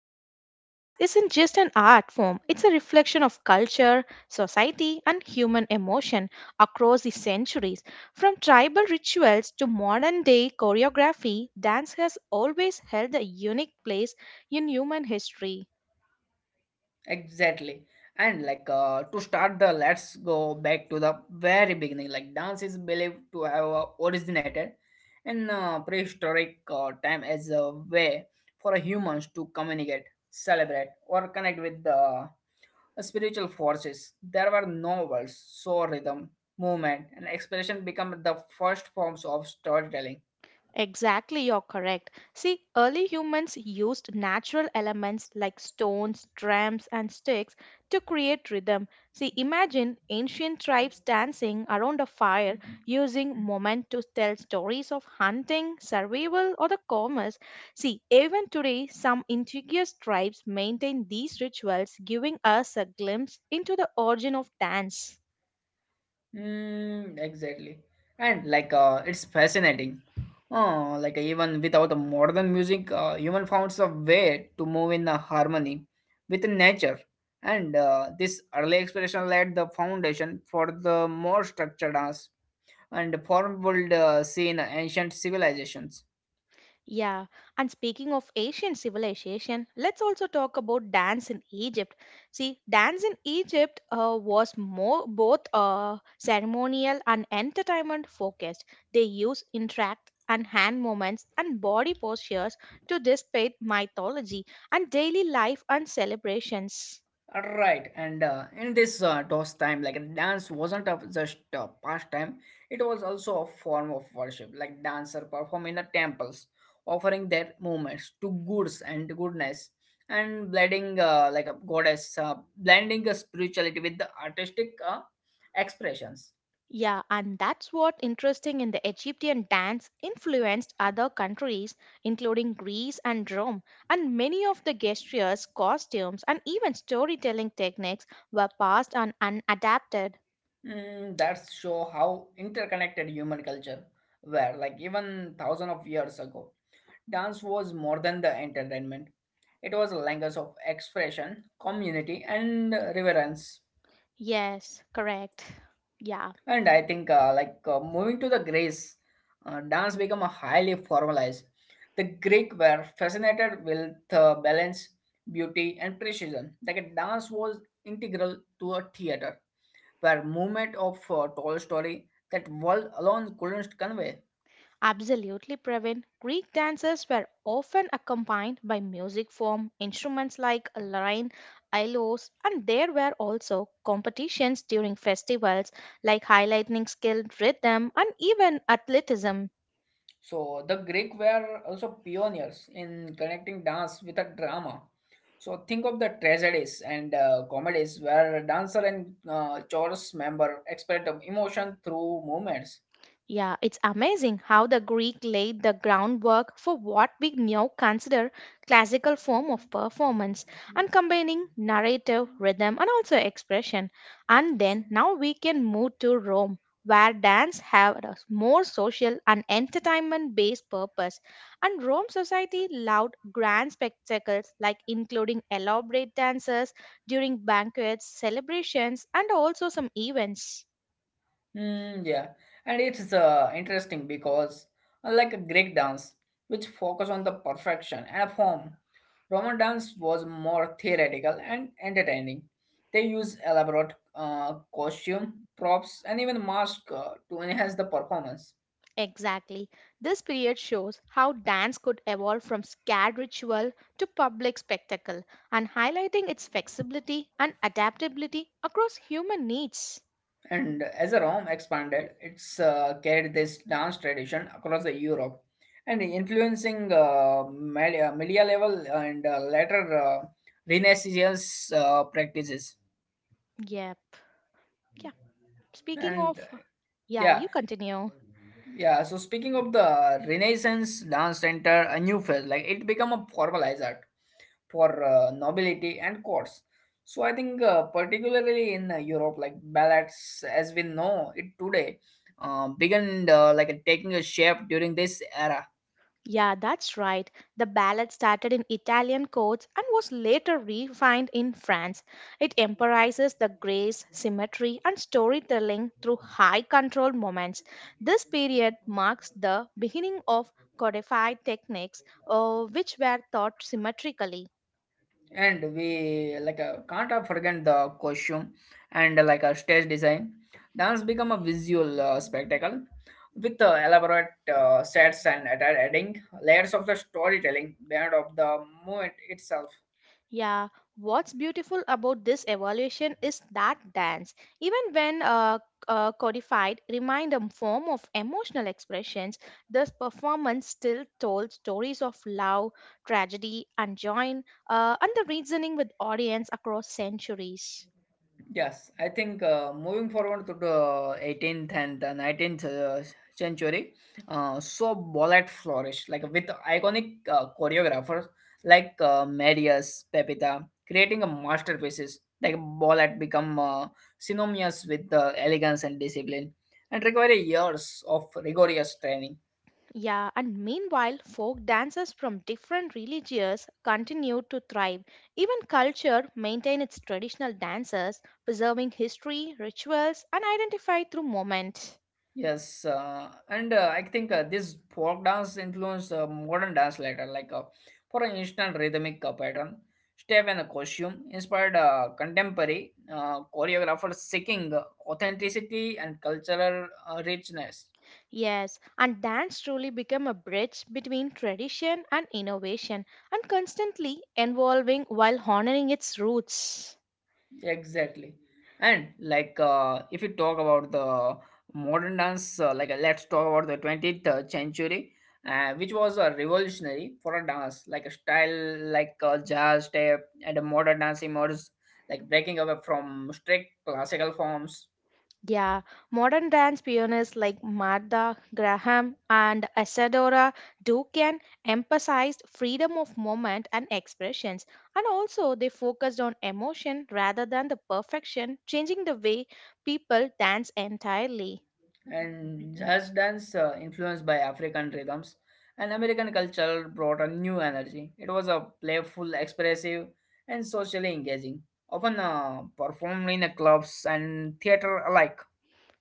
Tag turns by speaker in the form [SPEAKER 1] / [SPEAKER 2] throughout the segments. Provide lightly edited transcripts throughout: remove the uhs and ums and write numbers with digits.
[SPEAKER 1] because dance isn't just an art form, it's a reflection of culture, society, and human emotion across the centuries. From tribal rituals to modern day choreography, dance has always held a unique place in human history.
[SPEAKER 2] Exactly. And like to start the Let's go back to the very beginning. Like dance is believed to have originated in prehistoric time as a way for humans to communicate, celebrate, or connect with the spiritual forces. There were no words, so rhythm, movement, and expression become the first forms of storytelling.
[SPEAKER 1] Exactly, you're correct. See, early humans used natural elements like stones, drums, and sticks to create rhythm. See, imagine ancient tribes dancing around a fire using movement to tell stories of hunting, survival, or the commerce. See, even today, some indigenous tribes maintain these rituals, giving us a glimpse into the origin of dance.
[SPEAKER 2] Mm, exactly. And like it's fascinating. Oh, like even without the modern music, human founds a way to move in a harmony with nature. And this early exploration laid the foundation for the more structured dance and form would see in ancient civilizations.
[SPEAKER 1] Yeah, and speaking of Asian civilization, let's also talk about dance in Egypt. See, dance in Egypt was more both ceremonial and entertainment focused. They use interact and hand movements and body postures to display mythology and daily life and celebrations.
[SPEAKER 2] Right, and in this DOS time, like dance wasn't a, just a pastime; it was also a form of worship. Like dancer perform in the temples, offering their movements to goods and goodness, and blending like a goddess, blending a spirituality with the artistic expressions.
[SPEAKER 1] Yeah, and that's what interesting in the Egyptian dance influenced other countries, including Greece and Rome, and many of the gestures, costumes, and even storytelling techniques were passed on and adapted.
[SPEAKER 2] Mm, that's show how interconnected human culture were, like even thousand of years ago. Dance was more than the entertainment. It was a language of expression, community, and reverence.
[SPEAKER 1] Yes, correct. Yeah.
[SPEAKER 2] And I think, moving to the Greece, dance became a highly formalized. The Greek were fascinated with balance, beauty, and precision. Like a dance was integral to a theater, where movement of tall story that world alone couldn't convey.
[SPEAKER 1] Absolutely, Pravin. Greek dances were often accompanied by music form, instruments like lyre, ilos, and there were also competitions during festivals like highlighting skilled rhythm and even athleticism.
[SPEAKER 2] So the Greek were also pioneers in connecting dance with a drama. So think of the tragedies and comedies where dancer and chorus member express emotion through movements.
[SPEAKER 1] Yeah, it's amazing how the Greek laid the groundwork for what we now consider classical form of performance and combining narrative, rhythm and also expression. And then now we can move to Rome where dance had a more social and entertainment based purpose and Rome society loved grand spectacles like including elaborate dances during banquets, celebrations and also some events.
[SPEAKER 2] Mm, yeah, and it's interesting because unlike a Greek dance, which focus on the perfection and form, Roman dance was more theoretical and entertaining. They used elaborate costume, props, and even masks to enhance the performance.
[SPEAKER 1] Exactly. This period shows how dance could evolve from scared ritual to public spectacle and highlighting its flexibility and adaptability across human needs.
[SPEAKER 2] And as Rome expanded, it's carried this dance tradition across the Europe and influencing medieval and later Renaissance practices.
[SPEAKER 1] Yep. Yeah. Speaking
[SPEAKER 2] And
[SPEAKER 1] of, yeah,
[SPEAKER 2] yeah,
[SPEAKER 1] you continue.
[SPEAKER 2] yeah. So speaking of the Renaissance dance center, a new phase, like it become a formalized art for nobility and courts. So I think particularly in Europe, like ballads as we know it today, began like taking a shape during this era.
[SPEAKER 1] Yeah, that's right. The ballad started in Italian courts and was later refined in France. It emphasizes the grace, symmetry, and storytelling through high control moments. This period marks the beginning of codified techniques which were taught symmetrically.
[SPEAKER 2] And we can't forget the costume and like a stage design. Dance become a visual spectacle with elaborate sets and adding layers of the storytelling beyond of the movement itself.
[SPEAKER 1] Yeah, what's beautiful about this evolution is that dance, even when codified, remained a form of emotional expressions. This performance still told stories of love, tragedy, and joy, and the reasoning with audience across centuries.
[SPEAKER 2] Yes, I think moving forward to the 18th and the 19th century, so ballet flourished like with iconic choreographers like Marius Pepita creating a masterpieces. Like ballet become synonymous with elegance and discipline, and require years of rigorous training.
[SPEAKER 1] Yeah, and meanwhile, folk dances from different religions continued to thrive. Even culture maintained its traditional dances, preserving history, rituals, and identify through moment.
[SPEAKER 2] Yes, and I think this folk dance influenced modern dance later, for an instant rhythmic pattern, step and costume inspired contemporary choreographers seeking authenticity and cultural richness.
[SPEAKER 1] Yes, and dance truly become a bridge between tradition and innovation and constantly evolving while honoring its roots.
[SPEAKER 2] Exactly. And like if you talk about the modern dance, let's talk about the 20th century, which was a revolutionary for a dance, like a style like jazz step and a modern dance emerged, like breaking away from strict classical forms.
[SPEAKER 1] Yeah, modern dance pioneers like Martha Graham and Isadora Duncan emphasized freedom of movement and expressions, and also they focused on emotion rather than the perfection, changing the way people dance entirely.
[SPEAKER 2] And jazz dance influenced by african rhythms and american culture brought a new energy. It was a playful, expressive, and socially engaging, often performed in the clubs and theater alike.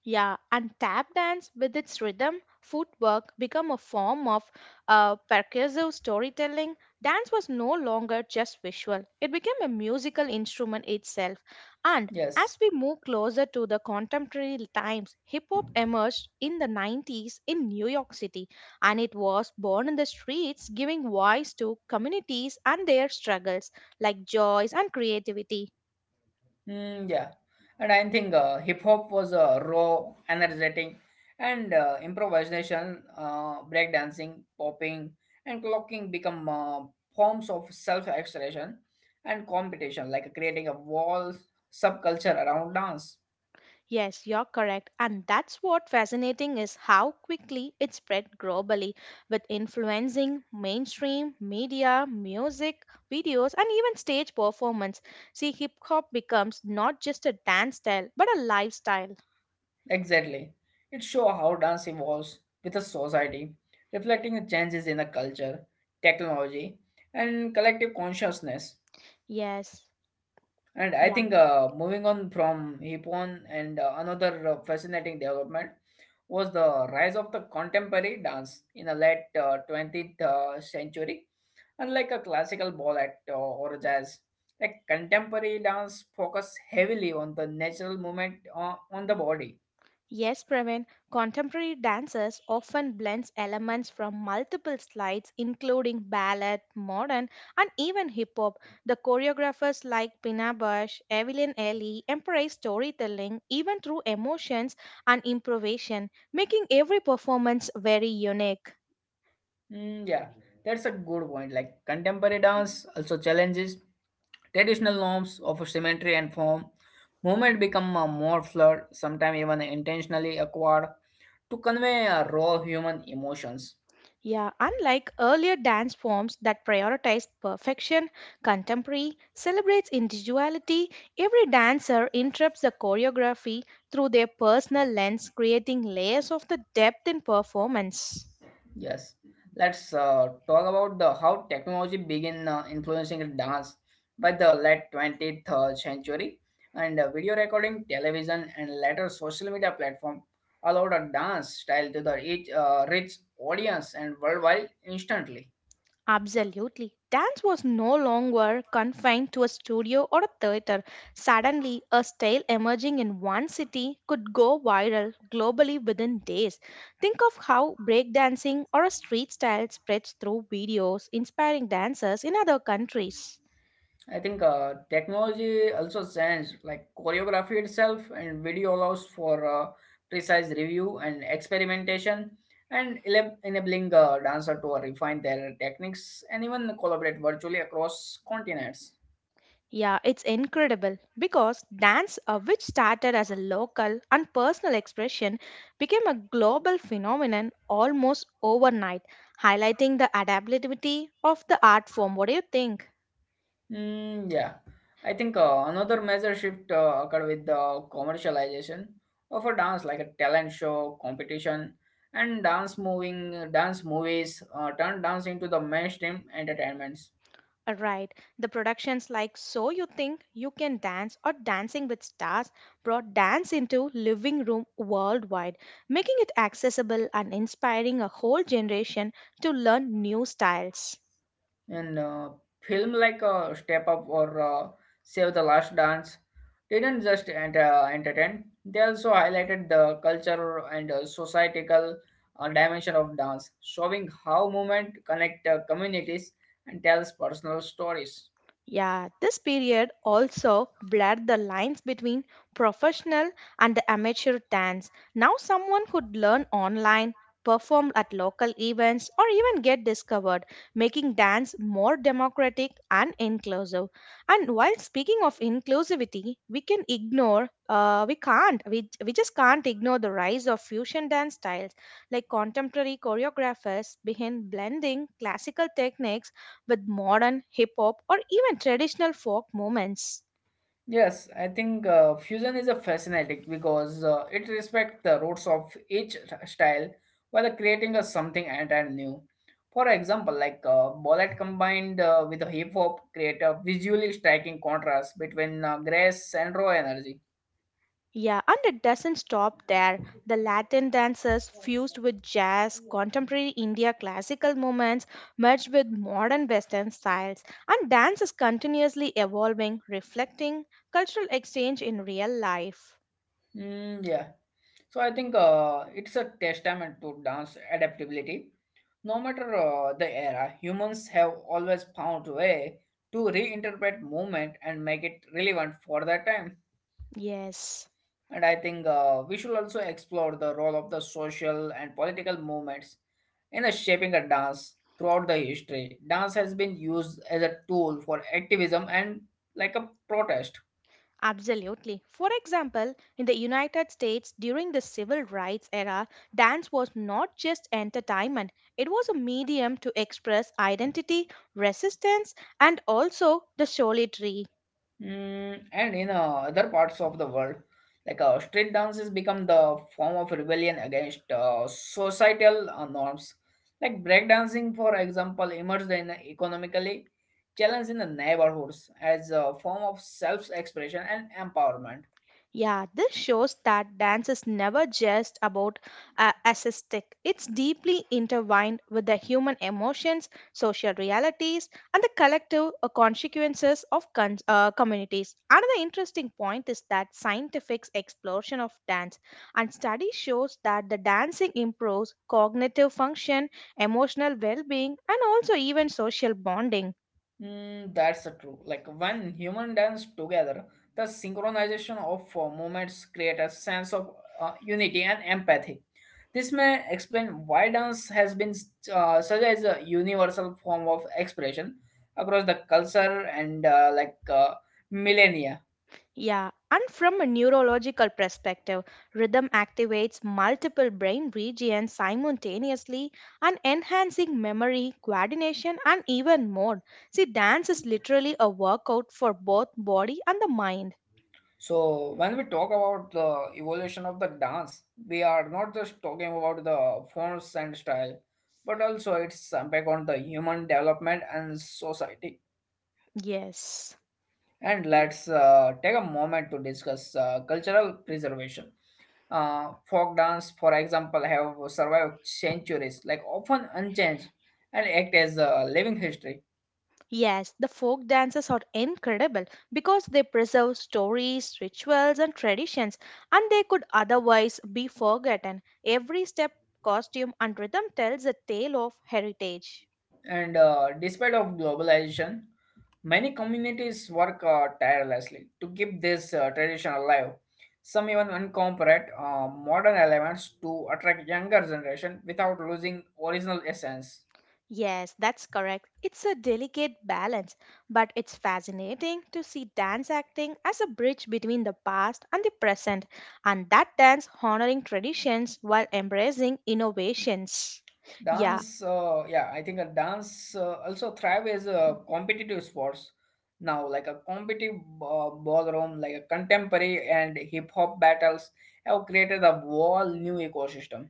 [SPEAKER 1] Yeah, and tap dance with its rhythm, footwork become a form of percussive storytelling. Dance was no longer just visual, it became a musical instrument itself. And
[SPEAKER 2] Yes.
[SPEAKER 1] as we move closer to the contemporary times, hip hop emerged in the 90s in New York City, and it was born in the streets, giving voice to communities and their struggles like joys and creativity.
[SPEAKER 2] Mm, yeah, and I think hip hop was raw, energetic, and improvisation, breakdancing, popping, and clocking become forms of self-expression and competition, like creating a wall subculture around dance.
[SPEAKER 1] Yes, you're correct. And that's what fascinating is how quickly it spread globally with influencing mainstream media, music, videos, and even stage performance. See, hip hop becomes not just a dance style, but a lifestyle.
[SPEAKER 2] Exactly, it shows how dance evolves with a society, reflecting the changes in the culture, technology, and collective consciousness.
[SPEAKER 1] Yes.
[SPEAKER 2] And I
[SPEAKER 1] Yeah.
[SPEAKER 2] think moving on from Hippon and another fascinating development was the rise of the contemporary dance in the late 20th century. Unlike a classical ballet or jazz, like contemporary dance focus heavily on the natural movement on the body.
[SPEAKER 1] Yes, Praveen, contemporary dances often blends elements from multiple styles, including ballet, modern, and even hip hop. The choreographers like Pina Bausch, Evelyn Ellie embrace storytelling even through emotions and improvisation, making every performance very unique.
[SPEAKER 2] Mm, yeah, that's a good point. Like contemporary dance also challenges traditional norms of symmetry and form. Movement become more fluid, sometimes even intentionally acquired, to convey raw human emotions.
[SPEAKER 1] Yeah, unlike earlier dance forms that prioritize perfection, contemporary celebrates individuality. Every dancer interrupts the choreography through their personal lens, creating layers of the depth in performance.
[SPEAKER 2] Yes, Let's talk about the how technology began influencing the dance by the late 20th century, and video recording, television, and later social media platform allowed a dance style to the each, rich audience and worldwide instantly.
[SPEAKER 1] Absolutely. Dance was no longer confined to a studio or a theater. Suddenly, a style emerging in one city could go viral globally within days. Think of how breakdancing or a street style spreads through videos, inspiring dancers in other countries.
[SPEAKER 2] I think technology also changed, like choreography itself and video allows for precise review and experimentation and enabling dancer to refine their techniques and even collaborate virtually across continents.
[SPEAKER 1] Yeah, it's incredible because dance, which started as a local and personal expression, became a global phenomenon almost overnight, highlighting the adaptability of the art form. What do you think?
[SPEAKER 2] Mm, yeah, I think another major shift occurred with the commercialization of a dance, like a talent show, competition, and dance moving dance movies turned dance into the mainstream entertainments.
[SPEAKER 1] Right, the productions like So You Think You Can Dance or Dancing with Stars brought dance into living room worldwide, making it accessible and inspiring a whole generation to learn new styles.
[SPEAKER 2] And film like Step Up or Save the Last Dance didn't just entertain; they also highlighted the culture and societal dimension of dance, showing how movement connect communities and tells personal stories.
[SPEAKER 1] Yeah, this period also blurred the lines between professional and the amateur dance. Now, someone could learn online, perform at local events, or even get discovered, making dance more democratic and inclusive. And while speaking of inclusivity, we just can't ignore the rise of fusion dance styles like contemporary choreographers begin blending classical techniques with modern hip hop or even traditional folk moments.
[SPEAKER 2] Yes, I think fusion is a fascinating because it respects the roots of each style while creating a something entirely new. For example, ballet combined with hip hop create a visually striking contrast between grace and raw energy.
[SPEAKER 1] Yeah, and it doesn't stop there. The Latin dances fused with jazz, contemporary India classical movements merged with modern Western styles, and dance is continuously evolving, reflecting cultural exchange in real life.
[SPEAKER 2] Mm, yeah, so I think it's a testament to dance adaptability. No matter the era, humans have always found a way to reinterpret movement and make it relevant for their time.
[SPEAKER 1] Yes.
[SPEAKER 2] And I think we should also explore the role of the social and political movements in a shaping a dance throughout the history. Dance has been used as a tool for activism and like a protest.
[SPEAKER 1] Absolutely. For example, in the United States during the civil rights era, dance was not just entertainment, it was a medium to express identity, resistance, and also the solitary.
[SPEAKER 2] Mm, and in other parts of the world, street dance has become the form of rebellion against societal norms. Like breakdancing, for example, emerged in the economically challenged in the neighborhoods as a form of self-expression and empowerment.
[SPEAKER 1] Yeah, this shows that dance is never just about aesthetic. It's deeply intertwined with the human emotions, social realities, and the collective consequences of communities. Another interesting point is that scientific exploration of dance and study shows that the dancing improves cognitive function, emotional well-being, and also even social bonding.
[SPEAKER 2] Mm, that's a true. Like when human dance together, the synchronization of movements create a sense of unity and empathy. This may explain why dance has been such as a universal form of expression across the culture and millennia.
[SPEAKER 1] Yeah, and from a neurological perspective, rhythm activates multiple brain regions simultaneously and enhancing memory, coordination, and even more. See, dance is literally a workout for both body and the mind.
[SPEAKER 2] So when we talk about the evolution of the dance, we are not just talking about the forms and style, but also its impact on the human development and society.
[SPEAKER 1] Yes.
[SPEAKER 2] And
[SPEAKER 1] Y-
[SPEAKER 2] let's take a moment to discuss cultural preservation. Folk dance, for example, have survived centuries, like often unchanged, and act as a living history.
[SPEAKER 1] Yes, the folk dances are incredible because they preserve stories, rituals, and traditions, and they could otherwise be forgotten. Every step, costume, and rhythm tells a tale of heritage.
[SPEAKER 2] And despite of globalization, many communities work tirelessly to keep this tradition alive. Some even incorporate modern elements to attract younger generation without losing original essence.
[SPEAKER 1] Yes, that's correct. It's a delicate balance, but it's fascinating to see dance acting as a bridge between the past and the present, and that dance honoring traditions while embracing innovations. Yeah,
[SPEAKER 2] I think a dance also thrive as a competitive sports now, like a competitive ballroom, like a contemporary and hip hop battles have created a whole new ecosystem.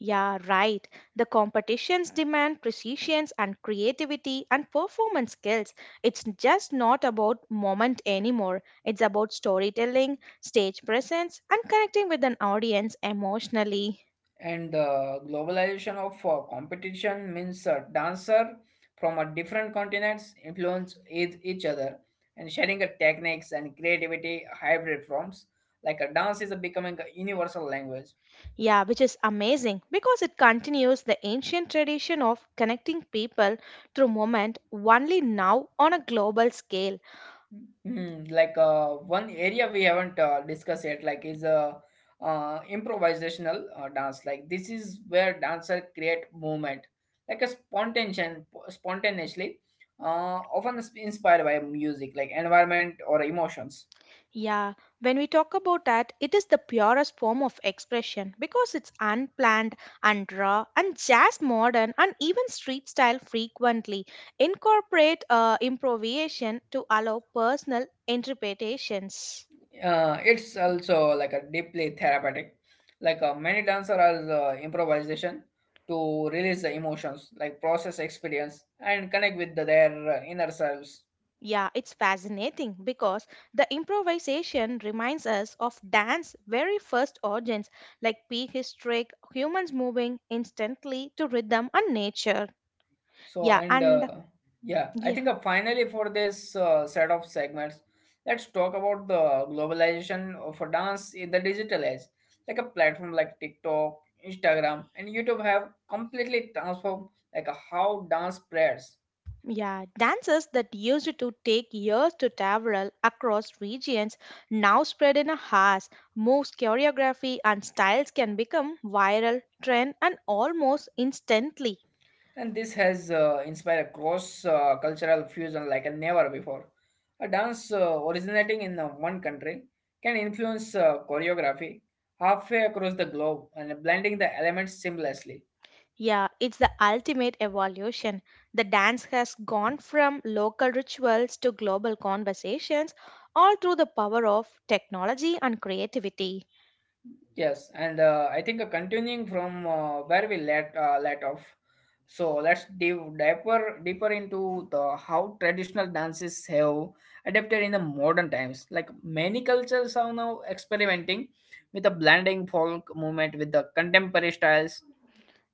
[SPEAKER 1] yeah, right. The competitions demand precision and creativity and performance skills. It's just not about moment anymore. It's about storytelling, stage presence, and connecting with an audience emotionally.
[SPEAKER 2] And the globalization of competition means a dancer from a different continents influence each other and sharing a techniques and creativity hybrid forms. Like a dance is a becoming a universal language.
[SPEAKER 1] Yeah, which is amazing because it continues the ancient tradition of connecting people through movement only now on a global scale.
[SPEAKER 2] Mm, like one area we haven't discussed yet, like is improvisational dance. Like this is where dancer create movement, like a spontaneous, spontaneously, often is inspired by music, like environment or emotions.
[SPEAKER 1] Yeah, when we talk about that, it is the purest form of expression because it's unplanned and raw and jazz modern and even street style frequently incorporate improvisation to allow personal interpretations.
[SPEAKER 2] It's also like a deeply therapeutic. Like many dancer are improvisation to release the emotions, like process experience and connect with the, their inner selves.
[SPEAKER 1] Yeah, it's fascinating because the improvisation reminds us of dance's very first origins, like prehistoric humans moving instantly to rhythm and nature.
[SPEAKER 2] So,
[SPEAKER 1] Yeah,
[SPEAKER 2] and uh,
[SPEAKER 1] and
[SPEAKER 2] yeah, I
[SPEAKER 1] yeah.
[SPEAKER 2] think finally for this set of segments, let's talk about the globalization of a dance in the digital age. Like a platform like TikTok, Instagram, and YouTube have completely transformed how dance spreads.
[SPEAKER 1] Yeah, dances that used to take years to travel across regions now spread in a hours. Moves, choreography, and styles can become viral, trend, and almost instantly.
[SPEAKER 2] And this has inspired cross cultural fusion never before. A dance originating in one country can influence choreography halfway across the globe and blending the elements seamlessly.
[SPEAKER 1] Yeah, it's the ultimate evolution. The dance has gone from local rituals to global conversations, all through the power of technology and creativity.
[SPEAKER 2] Yes, and I think continuing from where we let off, so let's dive deeper into the how traditional dances have adapted in the modern times. Like many cultures are now experimenting with a blending folk movement with the contemporary styles.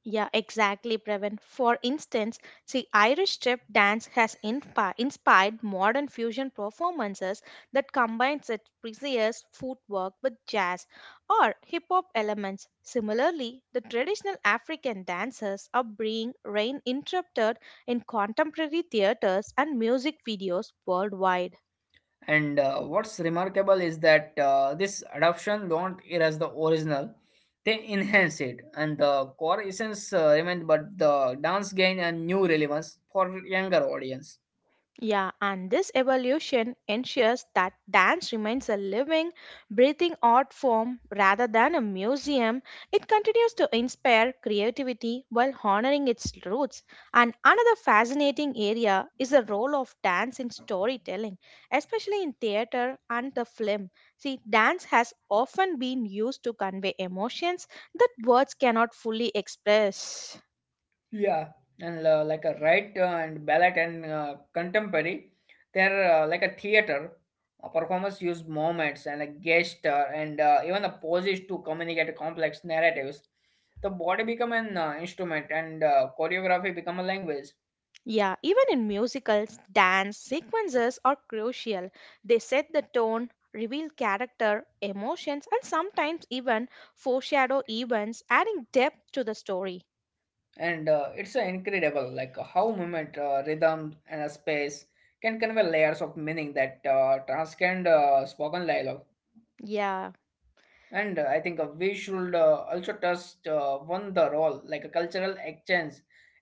[SPEAKER 1] Yeah, exactly, Previn. For instance, see, Irish strip dance has inspired modern fusion performances that combines its precise footwork with jazz or hip hop elements. Similarly, the traditional African dances are being reinterpreted in contemporary theaters and music videos worldwide.
[SPEAKER 2] And what's remarkable is that this adoption don't erase the original; they enhance it, and the core essence remain, but the dance gain a new relevance for younger audience.
[SPEAKER 1] Yeah, and this evolution ensures that dance remains a living, breathing art form rather than a museum. It continues to inspire creativity while honoring its roots. And another fascinating area is the role of dance in storytelling, especially in theater and the film. See, dance has often been used to convey emotions that words cannot fully express.
[SPEAKER 2] Yeah. And like a right and ballet and contemporary, they're like a theater. A performers use moments and a gesture and even the poses to communicate complex narratives. The body become an instrument, and choreography become a language.
[SPEAKER 1] Yeah, even in musicals, dance sequences are crucial. They set the tone, reveal character, emotions, and sometimes even foreshadow events, adding depth to the story.
[SPEAKER 2] And it's incredible, like how movement, rhythm and a space can convey layers of meaning that transcend spoken dialogue.
[SPEAKER 1] Yeah.
[SPEAKER 2] And I think we should also touch one the role like a cultural exchange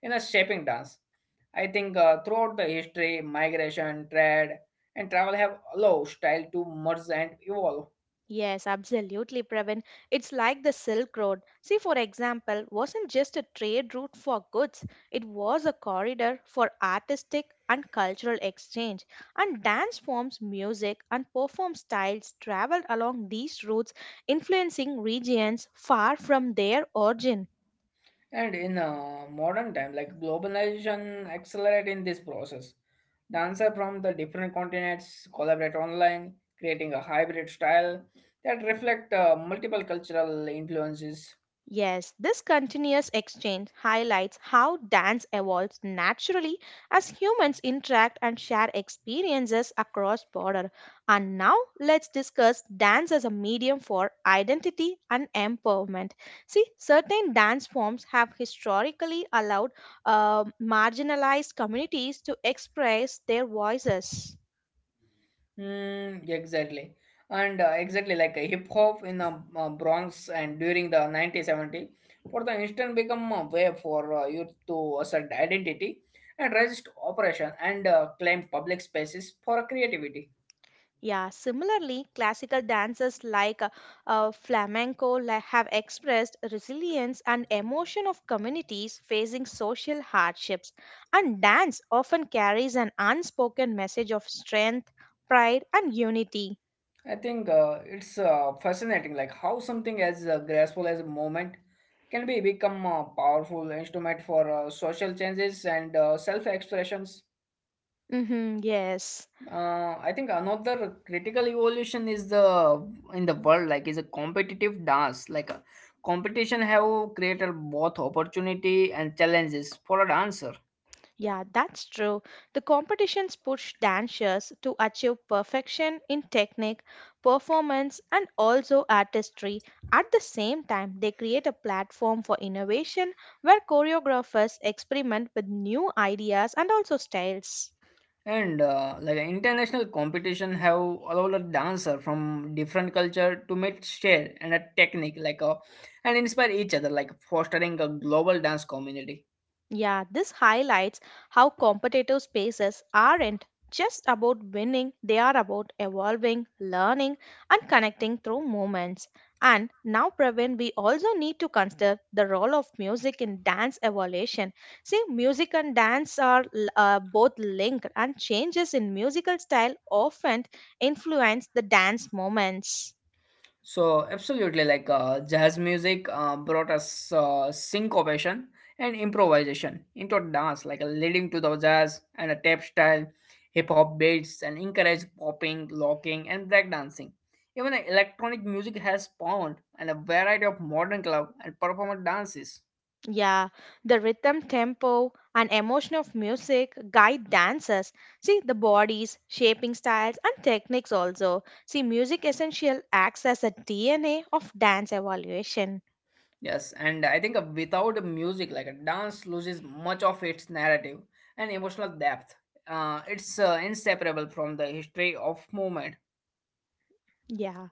[SPEAKER 2] in a shaping dance. I think throughout the history, migration, trade and travel have allowed style to merge and evolve.
[SPEAKER 1] Yes, absolutely, Pravin. It's like the Silk Road. See, for example, wasn't just a trade route for goods, it was a corridor for artistic and cultural exchange. And dance forms, music, and perform styles traveled along these routes, influencing regions far from their origin.
[SPEAKER 2] And in modern time, like globalization accelerating this process. Dancer from the different continents collaborate online, creating a hybrid style that reflect multiple cultural influences.
[SPEAKER 1] Yes, this continuous exchange highlights how dance evolves naturally as humans interact and share experiences across border. And now let's discuss dance as a medium for identity and empowerment. See, certain dance forms have historically allowed marginalized communities to express their voices.
[SPEAKER 2] Hmm, exactly. And exactly like a hip hop in the Bronx and during the 1970, for the instant become a way for youth to assert identity and resist oppression and claim public spaces for creativity.
[SPEAKER 1] Yeah, similarly, classical dances like flamenco have expressed resilience and emotion of communities facing social hardships. And dance often carries an unspoken message of strength, pride, and unity.
[SPEAKER 2] I think it's fascinating, like how something as graceful as a moment can be become a powerful instrument for social changes and self-expressions.
[SPEAKER 1] Hmm, yes.
[SPEAKER 2] I think another critical evolution is the in the world like is a competitive dance. Like competition have created both opportunity and challenges for a dancer.
[SPEAKER 1] Yeah, that's true. The competitions push dancers to achieve perfection in technique, performance, and also artistry. At the same time, they create a platform for innovation where choreographers experiment with new ideas and also styles.
[SPEAKER 2] And like international competition have allowed a dancer from different culture to meet, share and a technique, like a and inspire each other, like fostering a global dance community.
[SPEAKER 1] Yeah, this highlights how competitive spaces aren't just about winning, they are about evolving, learning, and connecting through moments. And now, Praveen, we also need to consider the role of music in dance evolution. See, music and dance are both linked, and changes in musical style often influence the dance moments.
[SPEAKER 2] So absolutely, like jazz music brought us syncopation and improvisation into dance, like leading to the jazz and a tap style, hip hop beats, and encouraged popping, locking, and breakdancing. Even electronic music has spawned and a variety of modern club and performance dances.
[SPEAKER 1] Yeah, the rhythm, tempo, and emotion of music guide dancers. See the bodies, shaping styles, and techniques also. See, music essential acts as a DNA of dance evaluation.
[SPEAKER 2] Yes, and I think without music, like a dance loses much of its narrative and emotional depth. It's inseparable from the history of movement.
[SPEAKER 1] Yeah.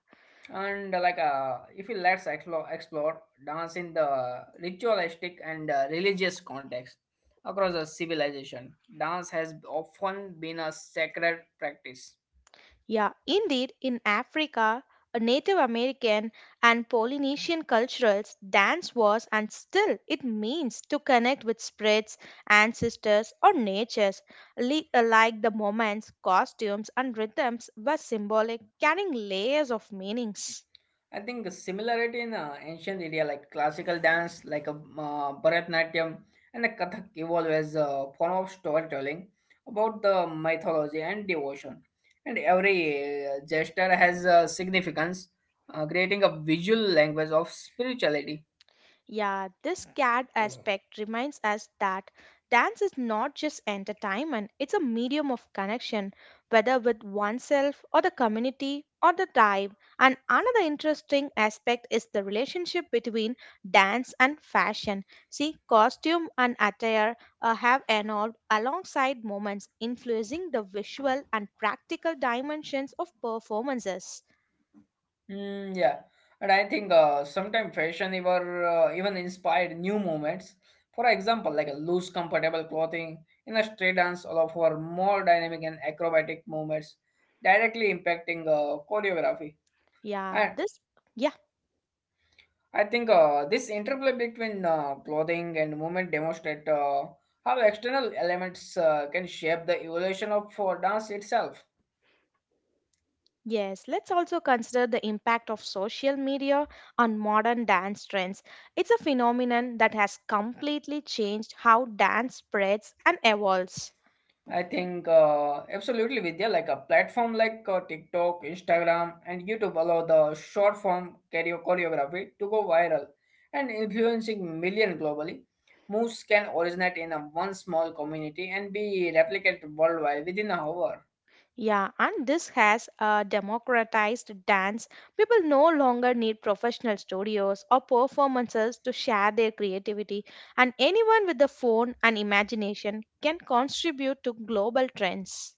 [SPEAKER 2] And like if you let's explore dance in the ritualistic and religious context across a civilization. Dance has often been a sacred practice.
[SPEAKER 1] Yeah, indeed, in Africa, a Native American and Polynesian cultures, dance was and still it means to connect with spirits, ancestors, or natures. Like the moments, costumes, and rhythms were symbolic, carrying layers of meanings.
[SPEAKER 2] I think the similarity in ancient India, like classical dance like a Bharatanatyam and the Kathak evolved as a form of storytelling about the mythology and devotion, and every gesture has a significance, creating a visual language of spirituality.
[SPEAKER 1] Yeah, this cat aspect reminds us that dance is not just entertainment, it's a medium of connection, whether with oneself or the community or the tribe. And another interesting aspect is the relationship between dance and fashion. See, costume and attire have evolved alongside moments, influencing the visual and practical dimensions of performances.
[SPEAKER 2] Mm, yeah, and I think sometimes fashion ever even inspired new movements. For example, like a loose, comfortable clothing in a street dance allow for more dynamic and acrobatic movements, directly impacting choreography.
[SPEAKER 1] Yeah,
[SPEAKER 2] And
[SPEAKER 1] this. Yeah.
[SPEAKER 2] I think this interplay between clothing and movement demonstrate how external elements can shape the evolution of dance itself.
[SPEAKER 1] Yes, let's also consider the impact of social media on modern dance trends. It's a phenomenon that has completely changed how dance spreads and evolves.
[SPEAKER 2] I think absolutely, Vidya. Like a platform like TikTok, Instagram, and YouTube allow the short form choreography to go viral and influencing million globally. Moves can originate in a one small community and be replicated worldwide within a hour.
[SPEAKER 1] Yeah, and this has democratized dance. People no longer need professional studios or performances to share their creativity, and anyone with a phone and imagination can contribute to global trends.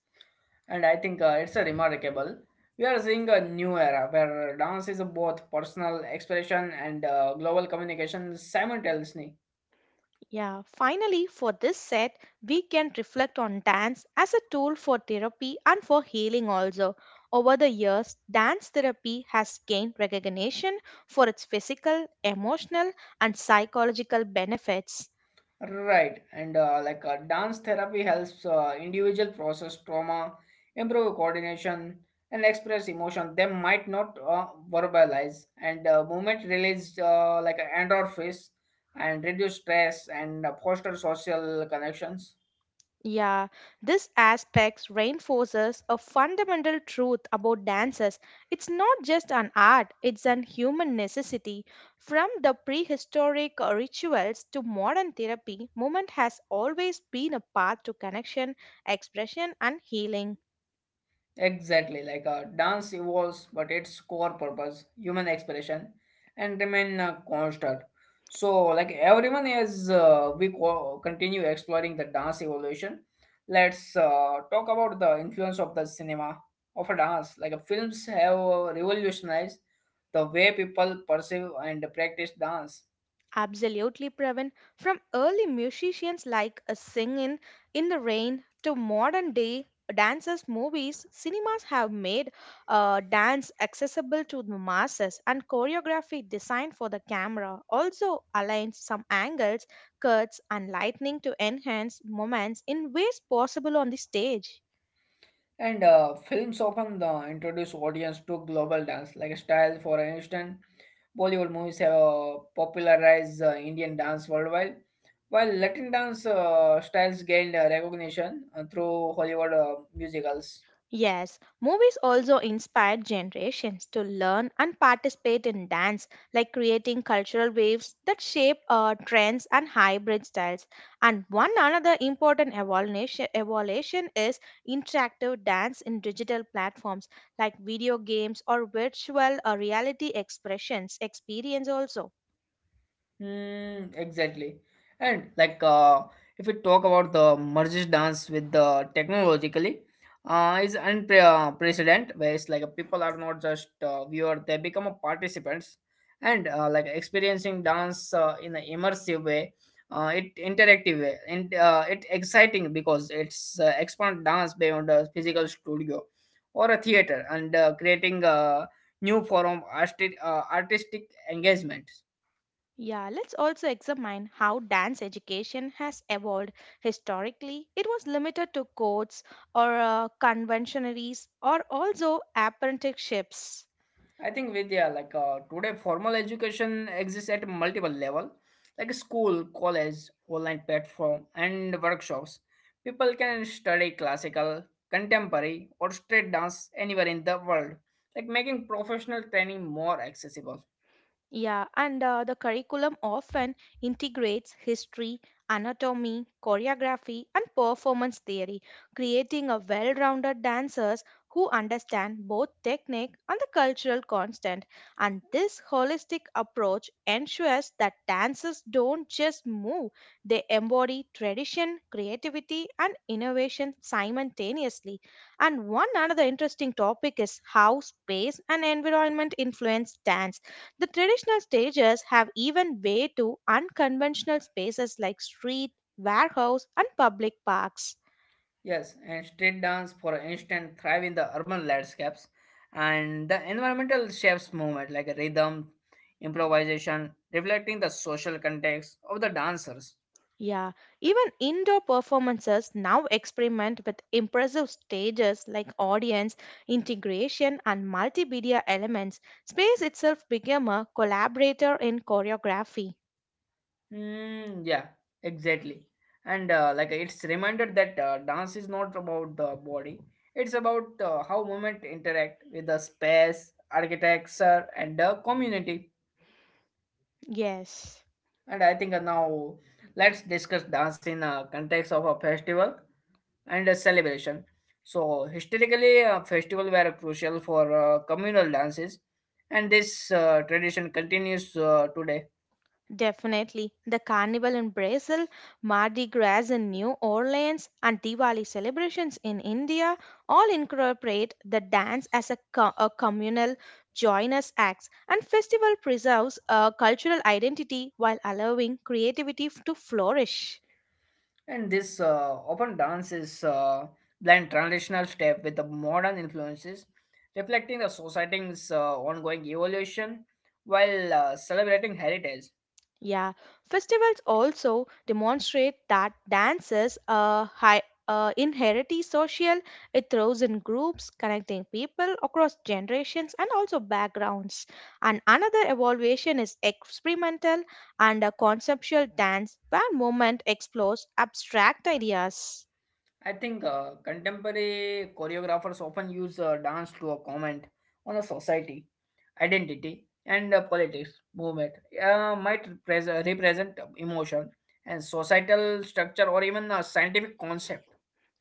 [SPEAKER 2] And I think it's a remarkable. We are seeing a new era where dance is both personal expression and global communication simultaneously.
[SPEAKER 1] Yeah, finally, for this set, we can reflect on dance as a tool for therapy and for healing also. Over the years, dance therapy has gained recognition for its physical, emotional, and psychological benefits.
[SPEAKER 2] Right, and like dance therapy helps individual process trauma, improve coordination, and express emotion. They might not verbalize, and movement release like endorphins and reduce stress and foster social connections.
[SPEAKER 1] Yeah, this aspect reinforces a fundamental truth about dances. It's not just an art, it's an human necessity. From the prehistoric rituals to modern therapy, movement has always been a path to connection, expression, and healing.
[SPEAKER 2] Exactly, like a dance evolves, but its core purpose, human expression, and remain constant. So, like everyone, as we continue exploring the dance evolution, let's talk about the influence of the cinema of a dance. Like films have revolutionized the way people perceive and practice dance.
[SPEAKER 1] Absolutely, Pravin. From early musicians like a singing in the rain to modern day dances, movies, cinemas have made dance accessible to the masses and choreography designed for the camera also aligns some angles, cuts, and lightning to enhance moments in ways possible on the stage.
[SPEAKER 2] And films often introduce audience to global dance, like style. For instance, Bollywood movies have popularized Indian dance worldwide, while Latin dance styles gained recognition through Hollywood musicals.
[SPEAKER 1] Yes, movies also inspired generations to learn and participate in dance, like creating cultural waves that shape trends and hybrid styles. And one another important evolution, evolution is interactive dance in digital platforms like video games or virtual reality expressions experience also.
[SPEAKER 2] Hmm, exactly. And like if we talk about the merges dance with the technologically, is unprecedented where it's like people are not just viewer, they become a participants and like experiencing dance in an immersive way, it interactive way and it exciting because it's expand dance beyond a physical studio or a theater and creating a new form of artistic, artistic engagement.
[SPEAKER 1] Yeah, let's also examine how dance education has evolved. Historically, it was limited to courts or conventionaries or also apprenticeships.
[SPEAKER 2] I think Vidya, like today formal education exists at multiple level, like school, college, online platform, and workshops. People can study classical, contemporary, or street dance anywhere in the world, like making professional training more accessible.
[SPEAKER 1] Yeah, and the curriculum often integrates history, anatomy, choreography, and performance theory, creating a well rounded dancers who understand both technique and the cultural constant. And this holistic approach ensures that dancers don't just move, they embody tradition, creativity, and innovation simultaneously. And one another interesting topic is how space and environment influence dance the traditional stages have even way to unconventional spaces like street, warehouse, and public parks.
[SPEAKER 2] Yes, and street dance, for instance, thrive in the urban landscapes, and the environmental shapes movement, like rhythm, improvisation, reflecting the social context of the dancers.
[SPEAKER 1] Yeah, even indoor performances now experiment with impressive stages like audience, integration, and multimedia elements. Space itself became a collaborator in choreography.
[SPEAKER 2] Mm, yeah, exactly. And like it's reminded that dance is not about the body; it's about how movement interact with the space, architecture, and the community.
[SPEAKER 1] Yes.
[SPEAKER 2] And I think now let's discuss dance in context of a festival and a celebration. So historically, festival were crucial for communal dances, and this tradition continues today.
[SPEAKER 1] Definitely. The carnival in Brazil, Mardi Gras in New Orleans, and Diwali celebrations in India all incorporate the dance as a, a communal joinous acts and festival preserves a cultural identity while allowing creativity to flourish.
[SPEAKER 2] And this open dance is blend transitional step with the modern influences, reflecting the society's ongoing evolution while celebrating heritage.
[SPEAKER 1] Yeah, festivals also demonstrate that dances inherently social. It throws in groups, connecting people across generations and also backgrounds. And another evaluation is experimental and a conceptual dance, where movement explores abstract ideas.
[SPEAKER 2] I think contemporary choreographers often use dance to comment on the society, identity, and politics movement. Might represent emotion and societal structure or even a scientific concept.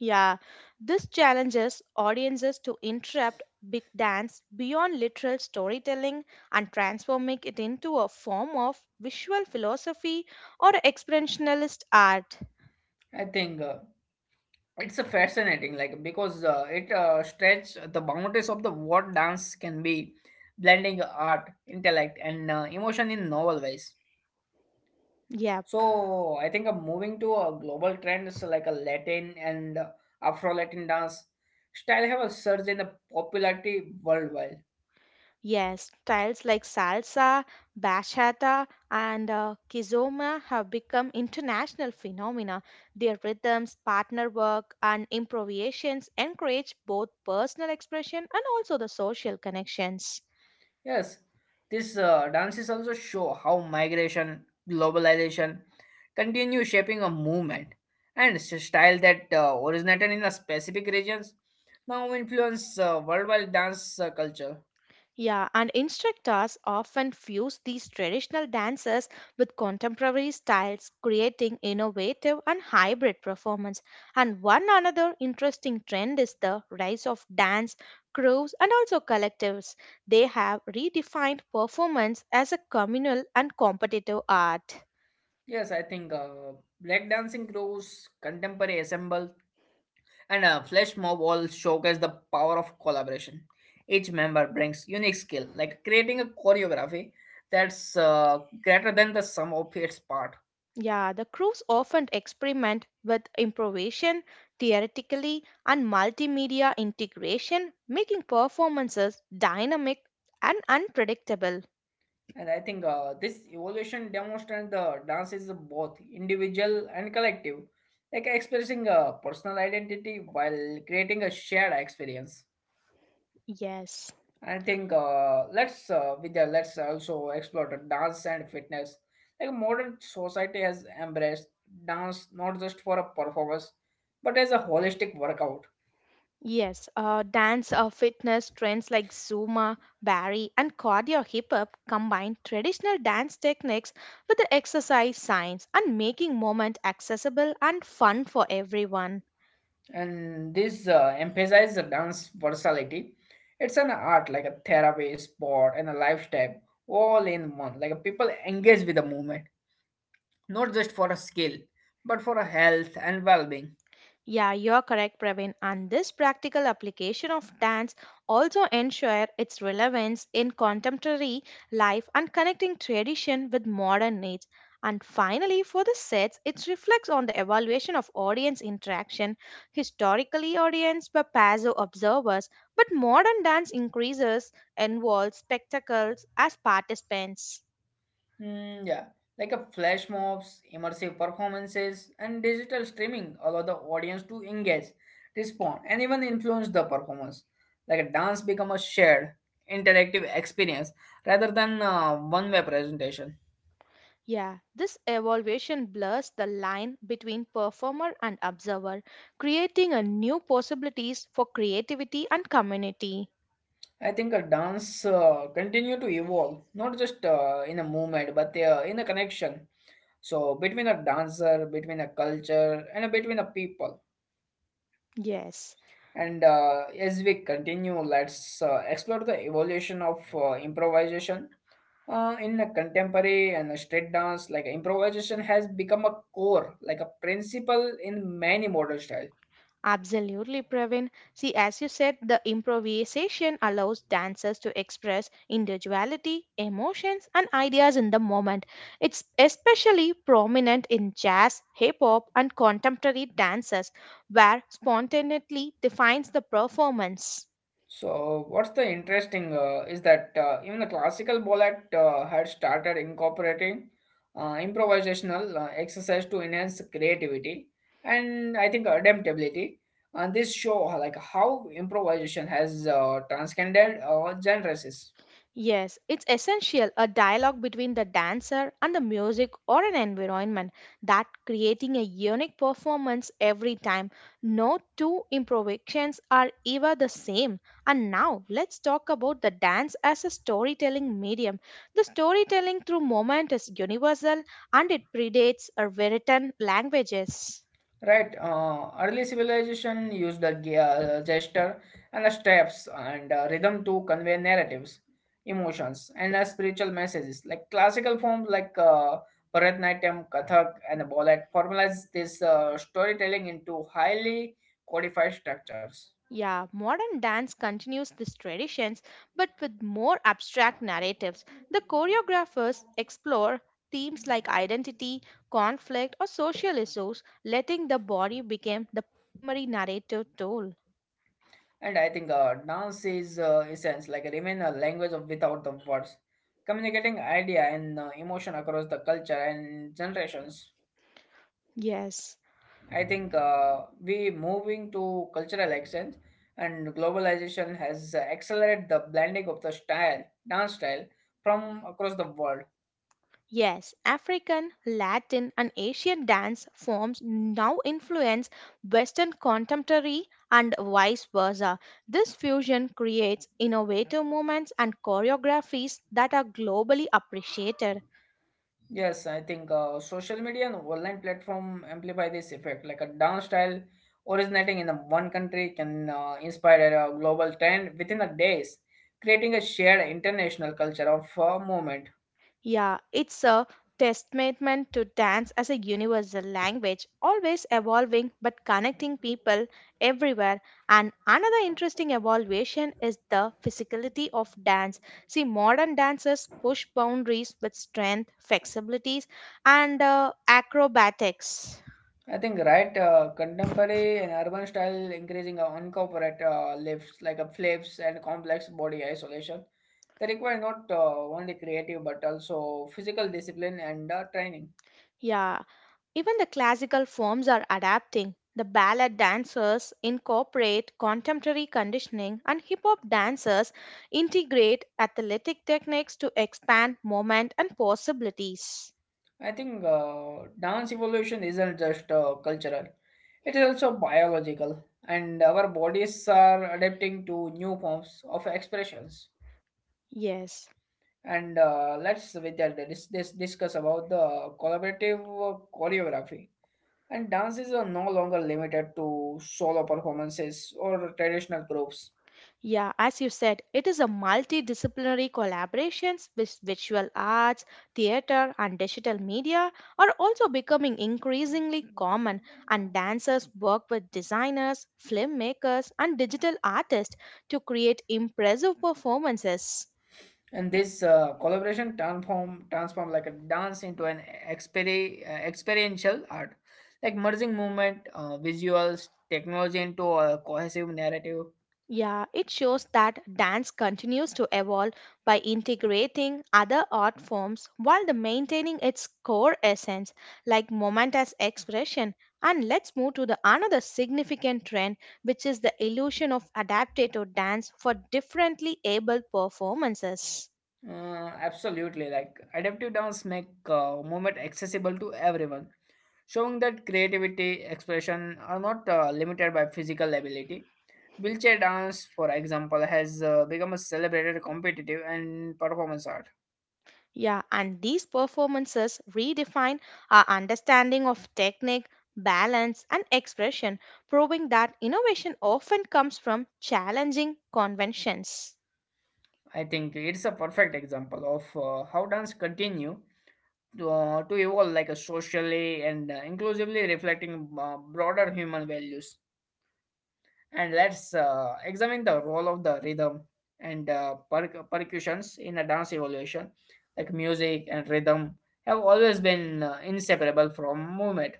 [SPEAKER 1] Yeah, this challenges audiences to interrupt big dance beyond literal storytelling and transforming it into a form of visual philosophy or expressionist art.
[SPEAKER 2] I think. It's a fascinating like because it stretch the boundaries of the what dance can be, blending art, intellect and emotion in novel ways.
[SPEAKER 1] Yep,
[SPEAKER 2] So I think I'm moving to a global trends, like a Latin and Afro Latin dance style have a surge in the popularity worldwide.
[SPEAKER 1] yes, styles like salsa, bachata, and kizomba have become international phenomena. Their rhythms, partner work, and improvisations encourage both personal expression and also the social connections.
[SPEAKER 2] Yes, these dances also show how migration, globalization continue shaping a movement and style that originated in a specific regions now influence worldwide dance culture.
[SPEAKER 1] Yeah, and instructors often fuse these traditional dances with contemporary styles, creating innovative and hybrid performance. And one another interesting trend is the rise of dance crews and also collectives. They have redefined performance as a communal and competitive art.
[SPEAKER 2] Yes, I think black dancing crews, contemporary ensemble, and flash mob all showcase the power of collaboration. Each member brings unique skill, like creating a choreography that's greater than the sum of its part.
[SPEAKER 1] Yeah, the crews often experiment with improvisation, theoretically, and multimedia integration, making performances dynamic and unpredictable.
[SPEAKER 2] And I think this evolution demonstrates the dance is both individual and collective, like expressing a personal identity while creating a shared experience.
[SPEAKER 1] Yes.
[SPEAKER 2] I think let's Vidya, let's also explore the dance and fitness. Like modern society has embraced dance not just for a performance, but as a holistic workout.
[SPEAKER 1] Yes, dance or fitness trends like Zumba, Barry, and cardio hip hop combine traditional dance techniques with the exercise science and making moment accessible and fun for everyone.
[SPEAKER 2] And this emphasizes the dance versatility. It's an art, like a therapy, sport and a lifestyle, all in one. Like people engage with the movement, not just for a skill but for a health and well-being.
[SPEAKER 1] Yeah, you're correct, Praveen. And this practical application of dance also ensure its relevance in contemporary life and connecting tradition with modern needs. And finally, for the sets, it reflects on the evaluation of audience interaction. Historically, audience were passive observers, but modern dance increases involves spectacles as participants.
[SPEAKER 2] Mm, yeah, like a flash mobs, immersive performances and digital streaming allow the audience to engage, respond and even influence the performance, like a dance become a shared interactive experience rather than one-way presentation.
[SPEAKER 1] Yeah, this evaluation blurs the line between performer and observer, creating a new possibilities for creativity and community.
[SPEAKER 2] I think a dance continue to evolve, not just in a movement, but in a connection. So between a dancer, between a culture, and between a people.
[SPEAKER 1] Yes,
[SPEAKER 2] And as we continue, let's explore the evolution of improvisation in a contemporary and a street dance. Like improvisation has become a core, like a principle in many modern styles.
[SPEAKER 1] absolutely, Praveen. See, as you said, the improvisation allows dancers to express individuality, emotions, and ideas in the moment. It's especially prominent in jazz, hip hop, and contemporary dances, where spontaneity defines the performance.
[SPEAKER 2] So, what's the interesting is that even the classical ballet had started incorporating improvisational exercise to enhance creativity and I think adaptability. And this show like how improvisation has transcended genres.
[SPEAKER 1] Yes, it's essential a dialogue between the dancer and the music or an environment that creating a unique performance every time. No two improvisations are ever the same. And now let's talk about the dance as a storytelling medium. The storytelling through movement is universal and it predates our written languages.
[SPEAKER 2] Right, early civilization used the gesture and the steps and rhythm to convey narratives, emotions, and spiritual messages. Like classical forms like Bharatanatyam, Kathak, and ballet formalize this storytelling into highly codified structures.
[SPEAKER 1] Yeah, modern dance continues these traditions but with more abstract narratives. The choreographers explore themes like identity, conflict, or social issues, letting the body become the primary narrative tool.
[SPEAKER 2] And I think dance is, in sense, like remain a language of without the words, communicating idea and emotion across the culture and generations.
[SPEAKER 1] Yes.
[SPEAKER 2] I think we moving to cultural exchange and globalization has accelerated the blending of the style, dance style from across the world.
[SPEAKER 1] Yes, African, Latin, and Asian dance forms now influence Western contemporary and vice versa. This fusion creates innovative movements and choreographies that are globally appreciated.
[SPEAKER 2] Yes, I think social media and online platform amplify this effect. Like a dance style originating in the one country can inspire a global trend within the days, creating a shared international culture of movement.
[SPEAKER 1] Yeah, it's a testament to dance as a universal language, always evolving but connecting people everywhere. And another interesting evolution is the physicality of dance. See, modern dancers push boundaries with strength, flexibilities, and acrobatics.
[SPEAKER 2] I think right, contemporary and urban style increasing uncorporate lifts like a flips and complex body isolation. They require not only creative but also physical discipline and training.
[SPEAKER 1] Yeah. Even the classical forms are adapting. The ballet dancers incorporate contemporary conditioning, and hip hop dancers integrate athletic techniques to expand movement and possibilities.
[SPEAKER 2] I think dance evolution isn't just cultural; it is also biological, and our bodies are adapting to new forms of expressions.
[SPEAKER 1] Yes.
[SPEAKER 2] And let's with that, discuss about the collaborative choreography. And dances are no longer limited to solo performances or traditional groups.
[SPEAKER 1] Yeah, as you said, it is a multidisciplinary collaborations with visual arts, theater, and digital media are also becoming increasingly common, and dancers work with designers, filmmakers, and digital artists to create impressive performances.
[SPEAKER 2] And this collaboration transform like a dance into an experiential art, like merging movement, visuals, technology into a cohesive narrative.
[SPEAKER 1] Yeah, it shows that dance continues to evolve by integrating other art forms while the maintaining its core essence, like momentous expression. And let's move to the another significant trend, which is the illusion of adapted to dance for differently able performances.
[SPEAKER 2] Absolutely, like adaptive dance make movement accessible to everyone, showing that creativity expression are not limited by physical ability. Wheelchair dance, for example, has become a celebrated competitive and performance art.
[SPEAKER 1] Yeah, and these performances redefine our understanding of technique, balance, and expression, proving that innovation often comes from challenging conventions.
[SPEAKER 2] I think it's a perfect example of how dance continue to evolve like a socially and inclusively reflecting broader human values. And let's examine the role of the rhythm and percussions in the dance evolution, like music and rhythm have always been inseparable from movement.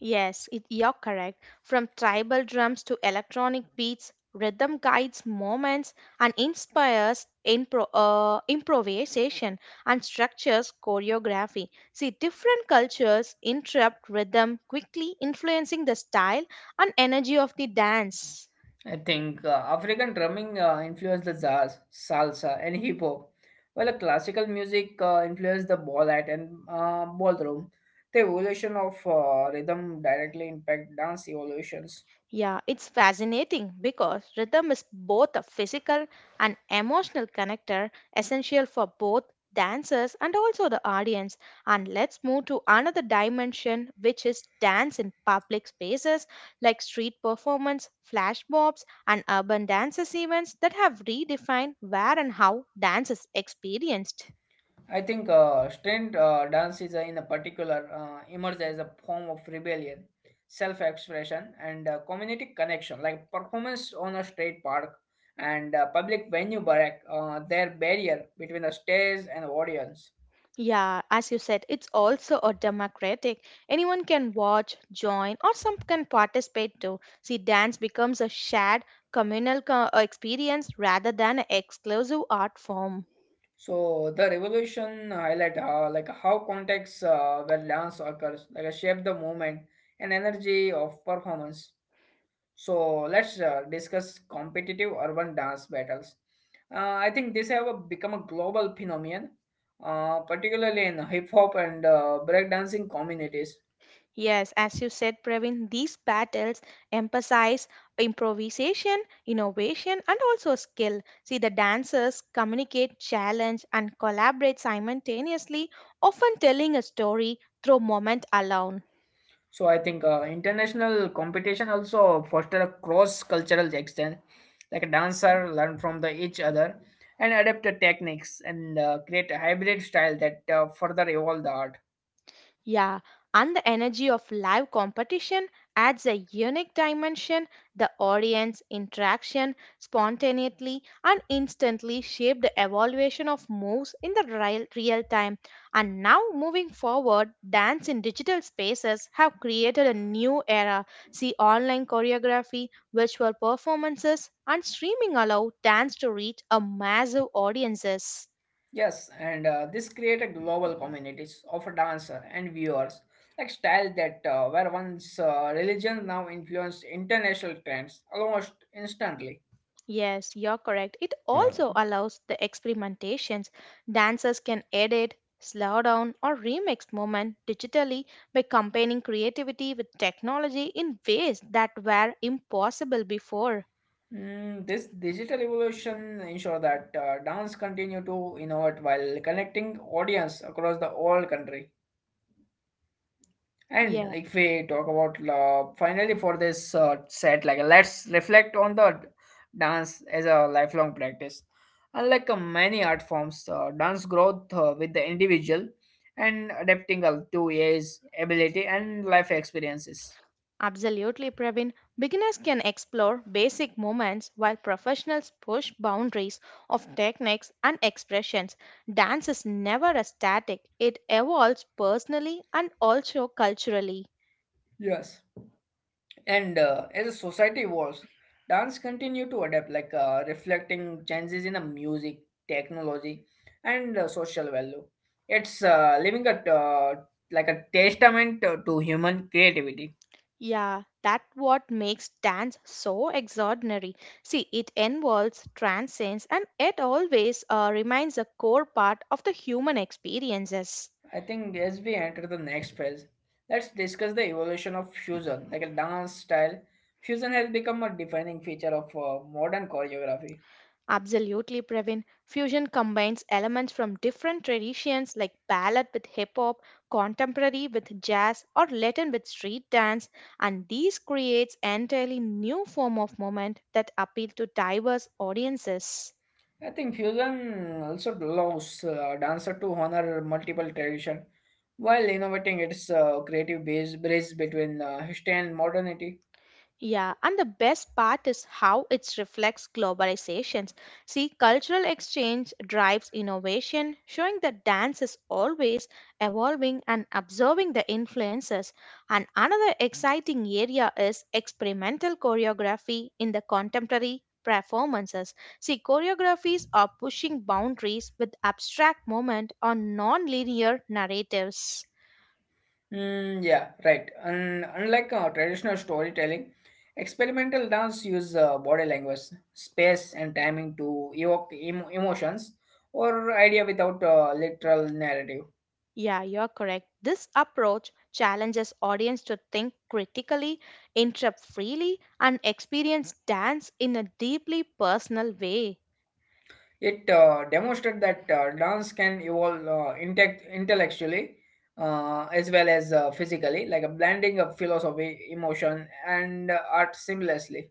[SPEAKER 1] Yes, it, you're correct. From tribal drums to electronic beats, rhythm guides moments and inspires improvisation and structures choreography. See, different cultures interrupt rhythm quickly, influencing the style and energy of the dance.
[SPEAKER 2] I think African drumming influenced the jazz, salsa, and hip hop, while the classical music influenced the ballet and ballroom. The evolution of rhythm directly impact dance evolutions.
[SPEAKER 1] Yeah, it's fascinating because rhythm is both a physical and emotional connector essential for both dancers and also the audience. And let's move to another dimension, which is dance in public spaces like street performance, flash mobs, and urban dances events that have redefined where and how dance is experienced.
[SPEAKER 2] I think street dance is in a particular emerged as a form of rebellion, self-expression, and community connection, like performance on a street park and public venue break their barrier between the stage and audience.
[SPEAKER 1] Yeah, as you said, it's also a democratic. Anyone can watch, join, or some can participate too. See, dance becomes a shared communal experience rather than an exclusive art form.
[SPEAKER 2] So the revolution highlight like how contexts where dance occurs like shape the movement and energy of performance. So let's discuss competitive urban dance battles. I think this have a, become a global phenomenon, particularly in hip hop and breakdancing communities.
[SPEAKER 1] Yes, as you said, Praveen, these battles emphasize improvisation, innovation, and also skill. See, the dancers communicate, challenge, and collaborate simultaneously, often telling a story through moment alone.
[SPEAKER 2] So I think international competition also foster a cross-cultural exchange, like a dancer learn from the each other and adapt the techniques and create a hybrid style that further evolve the art.
[SPEAKER 1] Yeah, and the energy of live competition adds a unique dimension. The audience interaction spontaneously and instantly shaped the evaluation of moves in the real, real time. And now, moving forward, dance in digital spaces have created a new era. See online choreography, virtual performances, and streaming allow dance to reach a massive audiences.
[SPEAKER 2] Yes, and this create a global communities of a dancer and viewers, like style that where one's religion now influence international trends almost instantly.
[SPEAKER 1] Yes, you're correct. It also allows the experimentations. Dancers can edit, slow down, or remix movement digitally by combining creativity with technology in ways that were impossible before.
[SPEAKER 2] Mm, this digital evolution ensure that dance continue to innovate while connecting audience across the whole country. And
[SPEAKER 1] Yeah,
[SPEAKER 2] like, if we talk about finally for this set, like let's reflect on the dance as a lifelong practice. Unlike many art forms, dance growth with the individual and adapting to age, ability, and life experiences.
[SPEAKER 1] absolutely, Praveen. Beginners can explore basic movements while professionals push boundaries of techniques and expressions. Dance is never a static, it evolves personally and also culturally.
[SPEAKER 2] Yes. And as the society evolves, dance continue to adapt, like reflecting changes in the music, technology, and social value. It's living a like a testament to human creativity.
[SPEAKER 1] Yeah, that what makes dance so extraordinary. See, it involves, transcends, and it always remains a core part of the human experiences.
[SPEAKER 2] I think as we enter the next phase, let's discuss the evolution of fusion, like a dance style. Fusion has become a defining feature of modern choreography.
[SPEAKER 1] Absolutely, Praveen. Fusion combines elements from different traditions like ballad with hip hop, contemporary with jazz, or Latin with street dance, and these creates entirely new form of moment that appeal to diverse audiences.
[SPEAKER 2] I think fusion also allows dancer to honor multiple tradition while innovating its creative base bridge between history and modernity.
[SPEAKER 1] Yeah, and the best part is how it reflects globalizations. See, cultural exchange drives innovation, showing that dance is always evolving and observing the influences. And another exciting area is experimental choreography in the contemporary performances. See, choreographies are pushing boundaries with abstract movement or non-linear narratives.
[SPEAKER 2] Mm, yeah, right. And unlike traditional storytelling, experimental dance use body language, space, and timing to evoke emotions or idea without literal narrative.
[SPEAKER 1] Yeah, you're correct. This approach challenges audience to think critically, interrupt freely, and experience dance in a deeply personal way.
[SPEAKER 2] It demonstrated that dance can evolve intellectually as well as physically, like a blending of philosophy, emotion, and art seamlessly.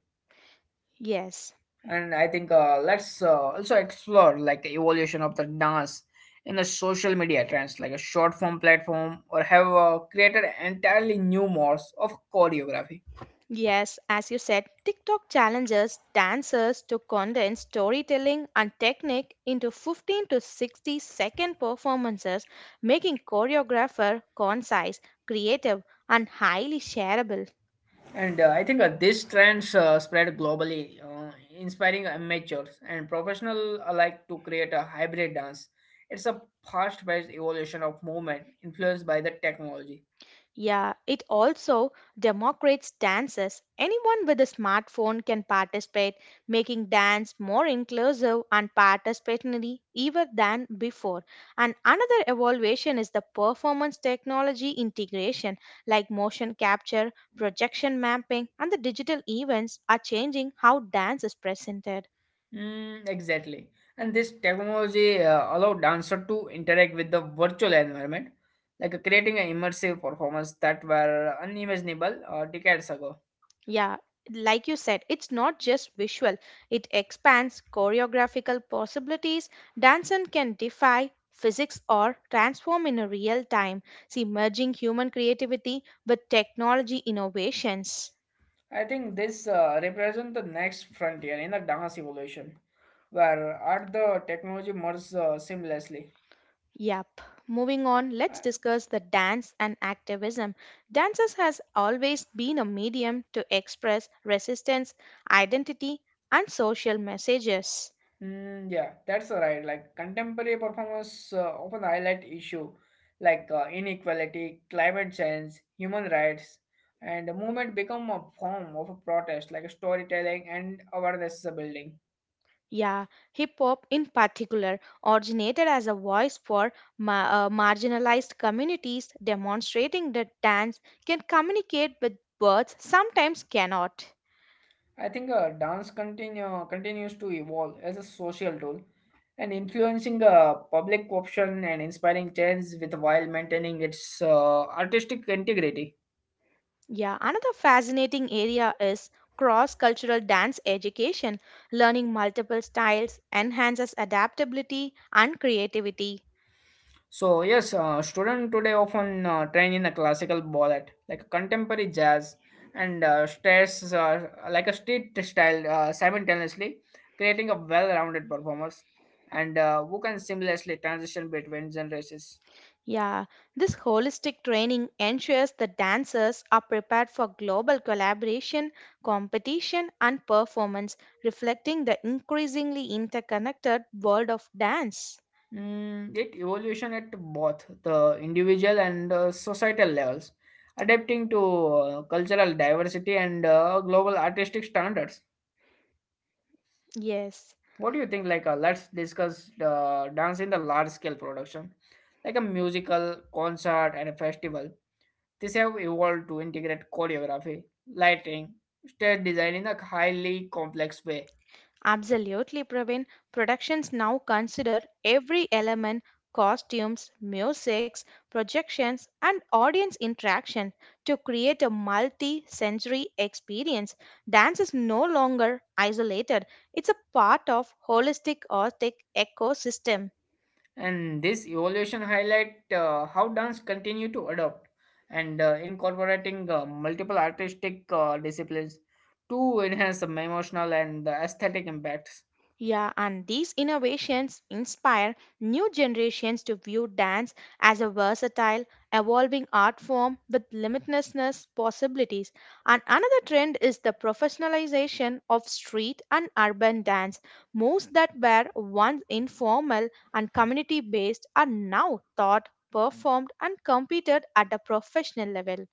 [SPEAKER 1] Yes.
[SPEAKER 2] And I think let's also explore like the evolution of the dance in the social media trends, like a short form platform, or have created entirely new modes of choreography.
[SPEAKER 1] Yes, as you said, TikTok challenges dancers to condense storytelling and technique into 15 to 60 second performances, making choreographer concise, creative, and highly shareable.
[SPEAKER 2] And I think these trends spread globally, inspiring amateurs and professional alike to create a hybrid dance. It's a fast-paced evolution of movement influenced by the technology.
[SPEAKER 1] Yeah, it also democrates dances. Anyone with a smartphone can participate, making dance more inclusive and participatory even than before. And another evaluation is the performance technology integration, like motion capture, projection mapping, and the digital events are changing how dance is presented.
[SPEAKER 2] Mm, exactly. And this technology allow dancer to interact with the virtual environment, like creating an immersive performance that were unimaginable decades ago.
[SPEAKER 1] Yeah, like you said, it's not just visual, it expands choreographical possibilities. Danson can defy physics or transform in a real time. See, merging human creativity with technology innovations.
[SPEAKER 2] I think this represents the next frontier in the dance evolution, where art the technology merges seamlessly.
[SPEAKER 1] Yep. Moving on,
[SPEAKER 2] Uh,
[SPEAKER 1] let's discuss the dance and activism. Dances has always been a medium to express resistance, identity, and social messages.
[SPEAKER 2] yeah, that's right. Like contemporary performers often highlight issue like inequality, climate change, human rights, and the movement become a form of a protest, like storytelling and awareness building.
[SPEAKER 1] Yeah, hip hop in particular originated as a voice for marginalized communities, demonstrating that dance can communicate with words sometimes cannot.
[SPEAKER 2] I think continues to evolve as a social tool and influencing public option and inspiring change with while maintaining its artistic integrity.
[SPEAKER 1] Yeah, another fascinating area is cross cultural dance education. Learning multiple styles enhances adaptability and creativity.
[SPEAKER 2] So yes, students today often train in a classical ballet, like contemporary jazz, and stays like a street style simultaneously, creating a well-rounded performers and who can seamlessly transition between genres.
[SPEAKER 1] Yeah, this holistic training ensures the dancers are prepared for global collaboration, competition, and performance, reflecting the increasingly interconnected world of dance.
[SPEAKER 2] Mm, it evolution at both the individual and societal levels, adapting to cultural diversity and global artistic standards.
[SPEAKER 1] Yes.
[SPEAKER 2] What do you think? Like, let's discuss dance in the large scale production, like a musical, concert, and a festival. These have evolved to integrate choreography, lighting, stage design in a highly complex way.
[SPEAKER 1] Absolutely, Praveen. Productions now consider every element costumes, musics, projections, and audience interaction to create a multi sensory experience. Dance is no longer isolated, it's a part of holistic artistic ecosystem.
[SPEAKER 2] And this evolution highlight how dance continue to adopt and incorporating multiple artistic disciplines to enhance some emotional and aesthetic impacts.
[SPEAKER 1] Yeah, and these innovations inspire new generations to view dance as a versatile, evolving art form with limitlessness possibilities. And another trend is the professionalization of street and urban dance. Moves that were once informal and community based are now thought, performed, and competed at a professional level.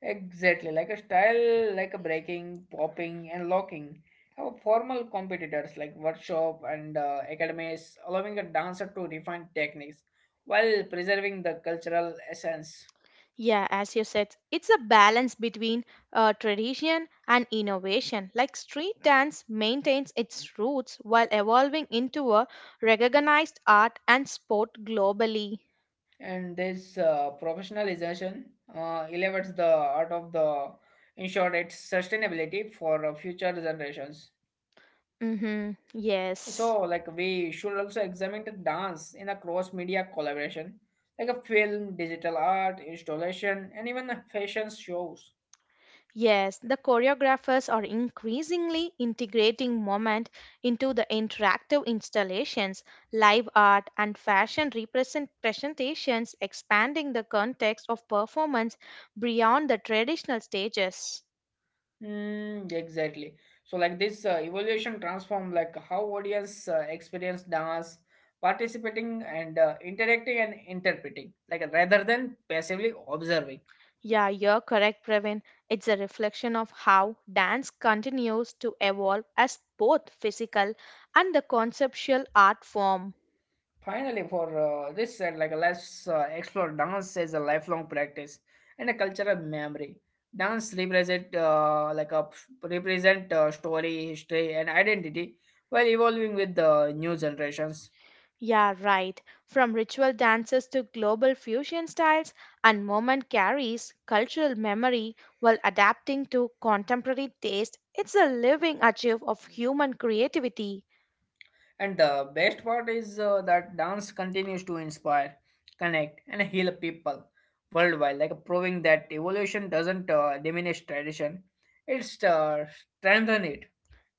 [SPEAKER 2] Exactly like a style like a breaking popping and locking have formal competitors like workshop and academies allowing a dancer to refine techniques while preserving the cultural essence.
[SPEAKER 1] Yeah, as you said, it's a balance between tradition and innovation. Like street dance maintains its roots while evolving into a recognized art and sport globally.
[SPEAKER 2] And this professionalization elevates the art of the ensure its sustainability for future generations.
[SPEAKER 1] Mm-hmm. Yes.
[SPEAKER 2] So like we should also examine the dance in a cross media collaboration like a film digital art installation and even a fashion shows.
[SPEAKER 1] Yes, the choreographers are increasingly integrating movement into the interactive installations, live art, and fashion presentations, expanding the context of performance beyond the traditional stages.
[SPEAKER 2] Mm, exactly. So like this evolution transform like how audience experience dance participating and interacting and interpreting like rather than passively observing.
[SPEAKER 1] Yeah, you're correct, Pravin. It's a reflection of how dance continues to evolve as both physical and the conceptual art form.
[SPEAKER 2] Finally, for this said, like let's explore dance as a lifelong practice and a cultural memory. Dance represent like a represent story, history, and identity while evolving with the new generations.
[SPEAKER 1] Yeah, right. From ritual dances to global fusion styles, and moment carries cultural memory while adapting to contemporary taste. It's a living archive of human creativity.
[SPEAKER 2] And the best part is that dance continues to inspire, connect, and heal people worldwide. Like proving that evolution doesn't diminish tradition; it's strengthen it.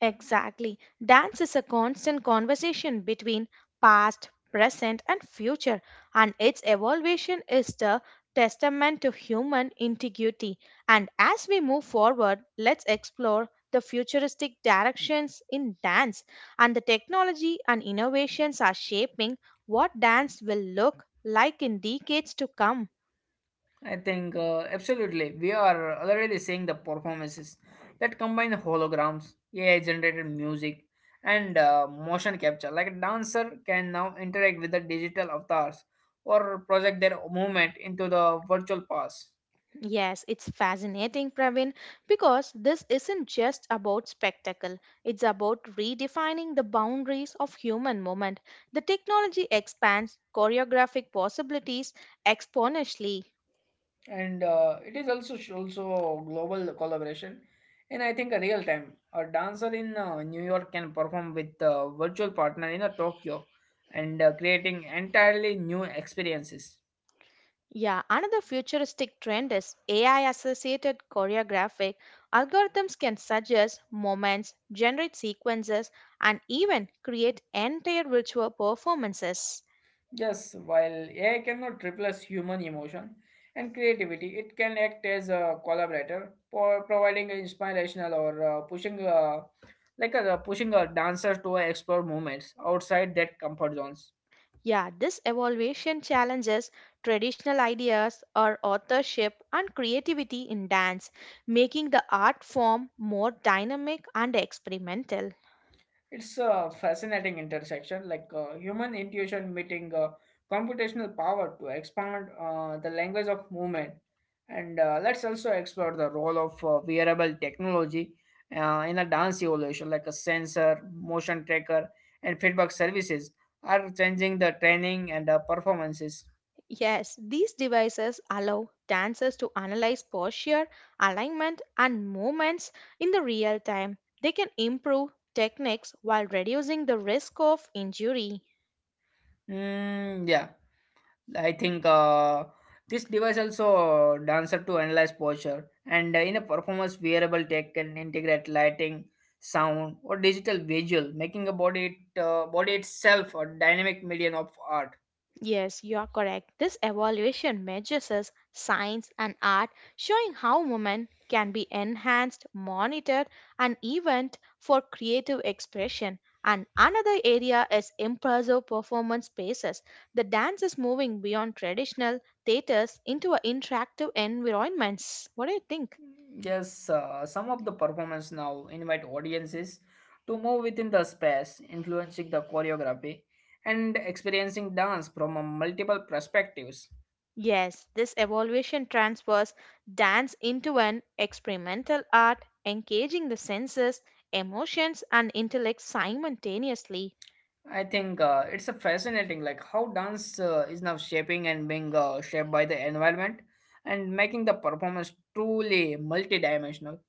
[SPEAKER 1] Exactly. Dance is a constant conversation between past, present, and future, and its evolution is the testament to human integrity. And as we move forward, let's explore the futuristic directions in dance and the technology and innovations are shaping what dance will look like in decades to come.
[SPEAKER 2] I think absolutely. We are already seeing the performances that combine the holograms, AI generated music, and motion capture. Like a dancer can now interact with the digital avatars or project their movement into the virtual past.
[SPEAKER 1] Yes, it's fascinating, Pravin, because this isn't just about spectacle. It's about redefining the boundaries of human movement. The technology expands choreographic possibilities exponentially.
[SPEAKER 2] And it is also global collaboration. And I think a real time, a dancer in New York can perform with a virtual partner in Tokyo and creating entirely new experiences.
[SPEAKER 1] Yeah, another futuristic trend is AI associated choreographic. Algorithms can suggest moments, generate sequences, and even create entire virtual performances.
[SPEAKER 2] Yes, while AI cannot replace human emotion and creativity, it can act as a collaborator for providing inspirational or pushing, pushing a dancer to explore movements outside their comfort zones.
[SPEAKER 1] Yeah, this evaluation challenges traditional ideas or authorship and creativity in dance, making the art form more dynamic and experimental.
[SPEAKER 2] It's a fascinating intersection, like human intuition meeting computational power to expand the language of movement. And let's also explore the role of wearable technology in a dance evolution, like a sensor, motion tracker, and feedback services are changing the training and performances.
[SPEAKER 1] Yes, these devices allow dancers to analyze posture, alignment, and movements in the real time. They can improve techniques while reducing the risk of injury.
[SPEAKER 2] Mm, yeah. I think this device also dancer to analyze posture and in a performance wearable tech can integrate lighting, sound or digital visual, making a body itself a dynamic medium of art.
[SPEAKER 1] Yes, you are correct. This evaluation measures us science and art, showing how women can be enhanced, monitored, and even for creative expression. And another area is impressive performance spaces. The dance is moving beyond traditional theaters into a interactive environments. What do you think?
[SPEAKER 2] Yes, some of the performance now invite audiences to move within the space, influencing the choreography and experiencing dance from multiple perspectives.
[SPEAKER 1] Yes, this evaluation transfers dance into an experimental art, engaging the senses, emotions, and intellect simultaneously.
[SPEAKER 2] I think it's a fascinating, like how dance is now shaping and being shaped by the environment and making the performance truly multidimensional.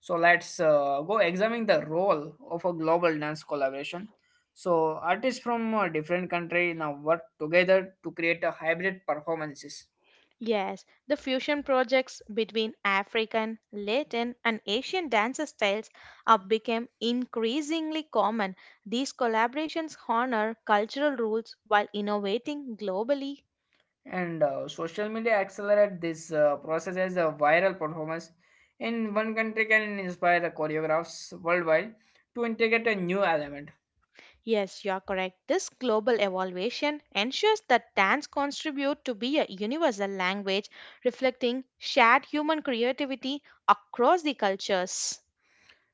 [SPEAKER 2] So let's go examine the role of a global dance collaboration. So artists from a different country now work together to create a hybrid performances,
[SPEAKER 1] Yes, the fusion projects between African, Latin, and Asian dance styles have become increasingly common. These collaborations honor cultural rules while innovating globally.
[SPEAKER 2] and social media accelerate this process as a viral performance. In one country can inspire the choreographs worldwide to integrate a new element.
[SPEAKER 1] Yes, you are correct. This global evaluation ensures that dance contribute to be a universal language reflecting shared human creativity across the cultures.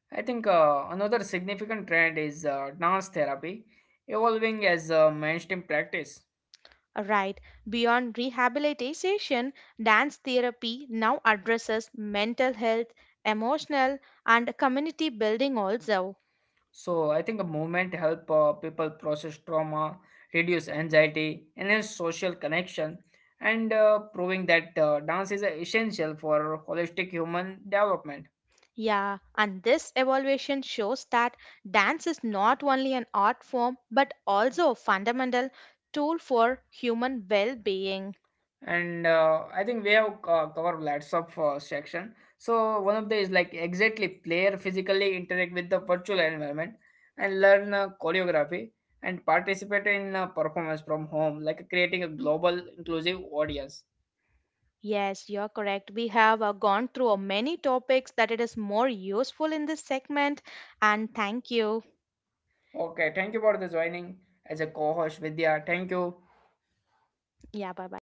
[SPEAKER 2] I think another significant trend is dance therapy evolving as a mainstream practice.
[SPEAKER 1] Right. Beyond rehabilitation, dance therapy now addresses mental health, emotional, and community building also.
[SPEAKER 2] So I think a movement help people process trauma, reduce anxiety, enhance social connection, and proving that dance is essential for holistic human development.
[SPEAKER 1] Yeah, and this evaluation shows that dance is not only an art form but also a fundamental tool for human well being.
[SPEAKER 2] And I think we have covered lots of section. So one of the is like exactly player physically interact with the virtual environment and learn choreography and participate in performance from home like creating a global inclusive audience.
[SPEAKER 1] Yes, you're correct. We have gone through many topics that it is more useful in this segment. And thank you.
[SPEAKER 2] Okay, thank you for the joining as a co-host Vidya, thank you.
[SPEAKER 1] Yeah, bye bye.